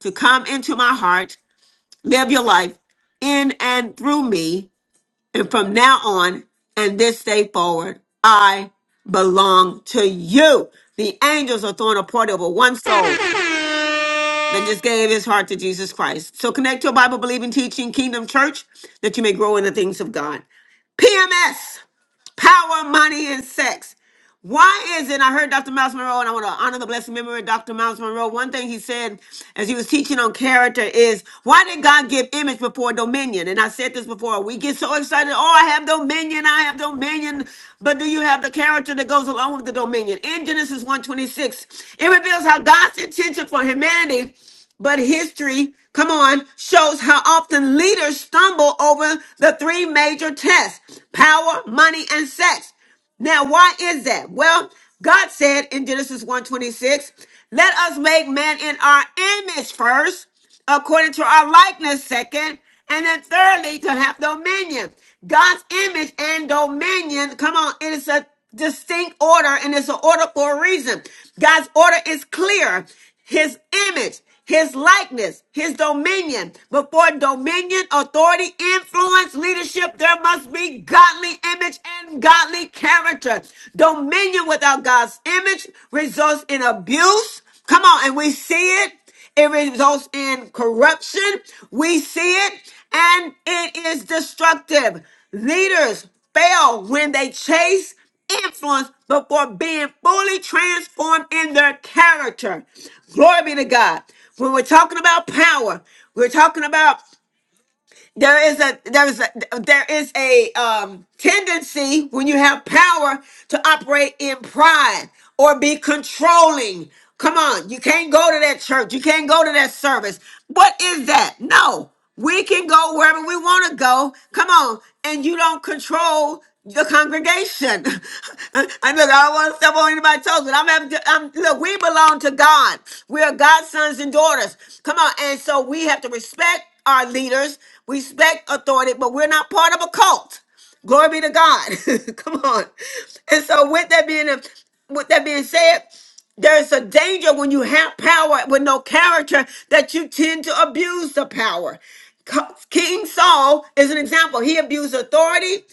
S1: to come into my heart live your life in and through me. And from now on and this day forward, I belong to you. The angels are throwing a party over one soul that just gave his heart to Jesus Christ. So connect to a Bible believing teaching kingdom church that you may grow in the things of God. PMS, power, money, and sex. Why is it? I heard Dr. Miles Monroe, and I want to honor the blessed memory of Dr. Miles Monroe. One thing he said as he was teaching on character is, Why did God give image before dominion? And I said this before. We get so excited, Oh, I have dominion, I have dominion. But do you have the character that goes along with the dominion? In Genesis 1:26, it reveals how God's intention for humanity but history, come on, shows how often leaders stumble over the three major tests power, money, and sex. Now, why is that? Well, God said in Genesis one twenty six, let us make man in our image first, according to our likeness second, and then thirdly to have dominion. God's image and dominion, come on, it is a distinct order and it's an order for a reason. God's order is clear. His image his likeness, his dominion. Before dominion, authority, influence, leadership, there must be godly image and godly character. Dominion without God's image results in abuse. Come on, and we see it. It results in corruption. We see it, and it is destructive. Leaders fail when they chase influence, before being fully transformed in their character. Glory be to God. When we're talking about power, we're talking about there is a there is a there is a um tendency when you have power to operate in pride or be controlling come on you can't go to that church you can't go to that service what is that no we can go wherever we want to go come on and you don't control the congregation and look i don't want to step on anybody's toes but i'm having to I'm, look we belong to god we are god's sons and daughters come on and so we have to respect our leaders, respect authority, but we're not part of a cult. Glory be to God. Come on. And so with that being with that being said, there's a danger when you have power with no character that you tend to abuse the power. Co- King Saul is an example. He abused authority.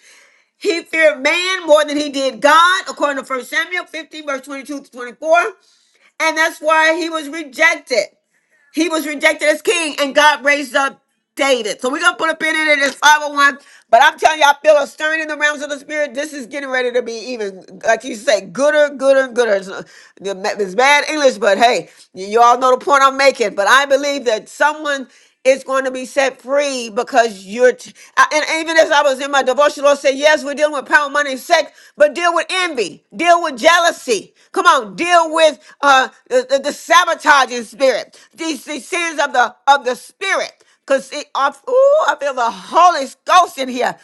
S1: He feared man more than he did God, according to First Samuel 15, verse 22 to 24. And that's why he was rejected. He was rejected as king, and God raised up David. So we're gonna put a pin in it. It's 501. But I'm telling you, I feel a stirring in the realms of the spirit. This is getting ready to be even, like you say, gooder, gooder, gooder. It's uh, it's bad English, but hey, you you all know the point I'm making. But I believe that someone is going to be set free because you're. T- I- and even as I was in my devotion, Lord said, yes, we're dealing with power, money, and sex, but deal with envy, deal with jealousy. Come on, deal with uh, the, the, the sabotaging spirit, these, these sins of the of the spirit. Cause it, I, ooh, I feel the Holy Ghost in here.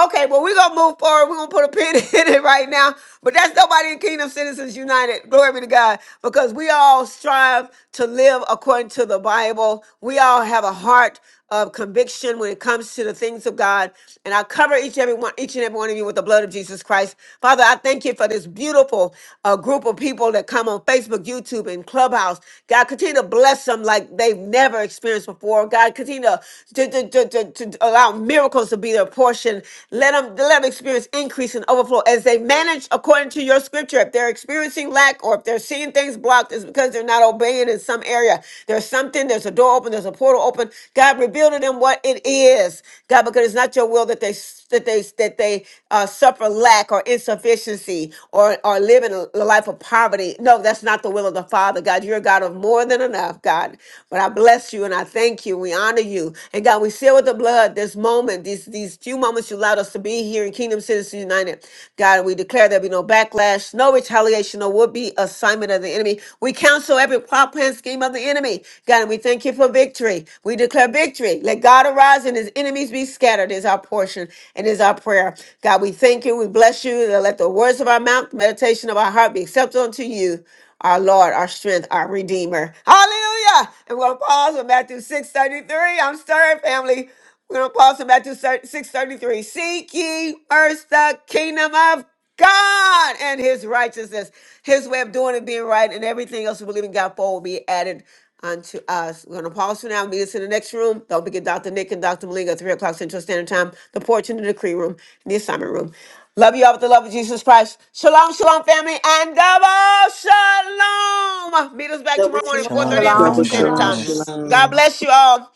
S1: Okay, well, we're gonna move forward. We're gonna put a pin in it right now. But that's nobody in Kingdom Citizens United. Glory be to God. Because we all strive to live according to the Bible. We all have a heart of conviction when it comes to the things of God. And I cover each every one, each and every one of you with the blood of Jesus Christ. Father, I thank you for this beautiful uh, group of people that come on Facebook, YouTube, and Clubhouse. God, continue to bless them like they've never experienced before. God, continue to, to, to, to, to to allow miracles supposed to be their portion. Let them let them experience increase and overflow as they manage according to your scripture. If they're experiencing lack or if they're seeing things blocked, it's because they're not obeying in some area. There's something, there's a door open, there's a portal open. God reveal to them what it is. God, because it's not your will that they that they that they uh, suffer lack or insufficiency or or living a a life of poverty. No, that's not the will of the Father, God. You're a God of more than enough, God. But I bless you and I thank you. We honor you, and God, we seal with the blood this moment, these these few moments you allowed us to be here in Kingdom Citizens United, God. We declare there be no backlash, no retaliation, or would be assignment of the enemy. We cancel every plot plan scheme of the enemy the enemy. God, we thank you for victory. We declare victory. Let God arise and his enemies be scattered is our portion and is our prayer. God, we thank you. We bless you. Let the words of our mouth, meditation of our heart be acceptable unto you our Lord, our strength, our Redeemer. Hallelujah! And we're going to pause with Matthew 6.33. I'm stirring, family. We're going to pause with Matthew 6.33. Seek ye first the kingdom of God and his righteousness, his way of doing and being right, and everything else we believe in God for will be added unto us. We're going to pause for now. Meet us in the next room. Don't forget Dr. Nick and Dr. Malinga, 3 o'clock Central Standard Time, the porch in the decree room, in the assignment room. Love you all with the love of Jesus Christ. Shalom, shalom, family, and double shalom. Meet us back tomorrow morning, 4.30
S15: Shalom,
S1: a.m.
S11: Shalom,
S4: Double
S1: Central
S15: shalom. God
S1: Standard
S4: shalom,
S11: shalom.
S1: Time.
S15: bless.
S16: Shalom.
S1: God
S4: shalom.
S1: bless you all.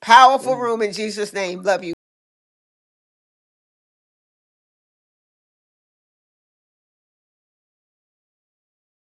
S1: Powerful
S16: Shalom.
S1: room in Jesus' name. Love you.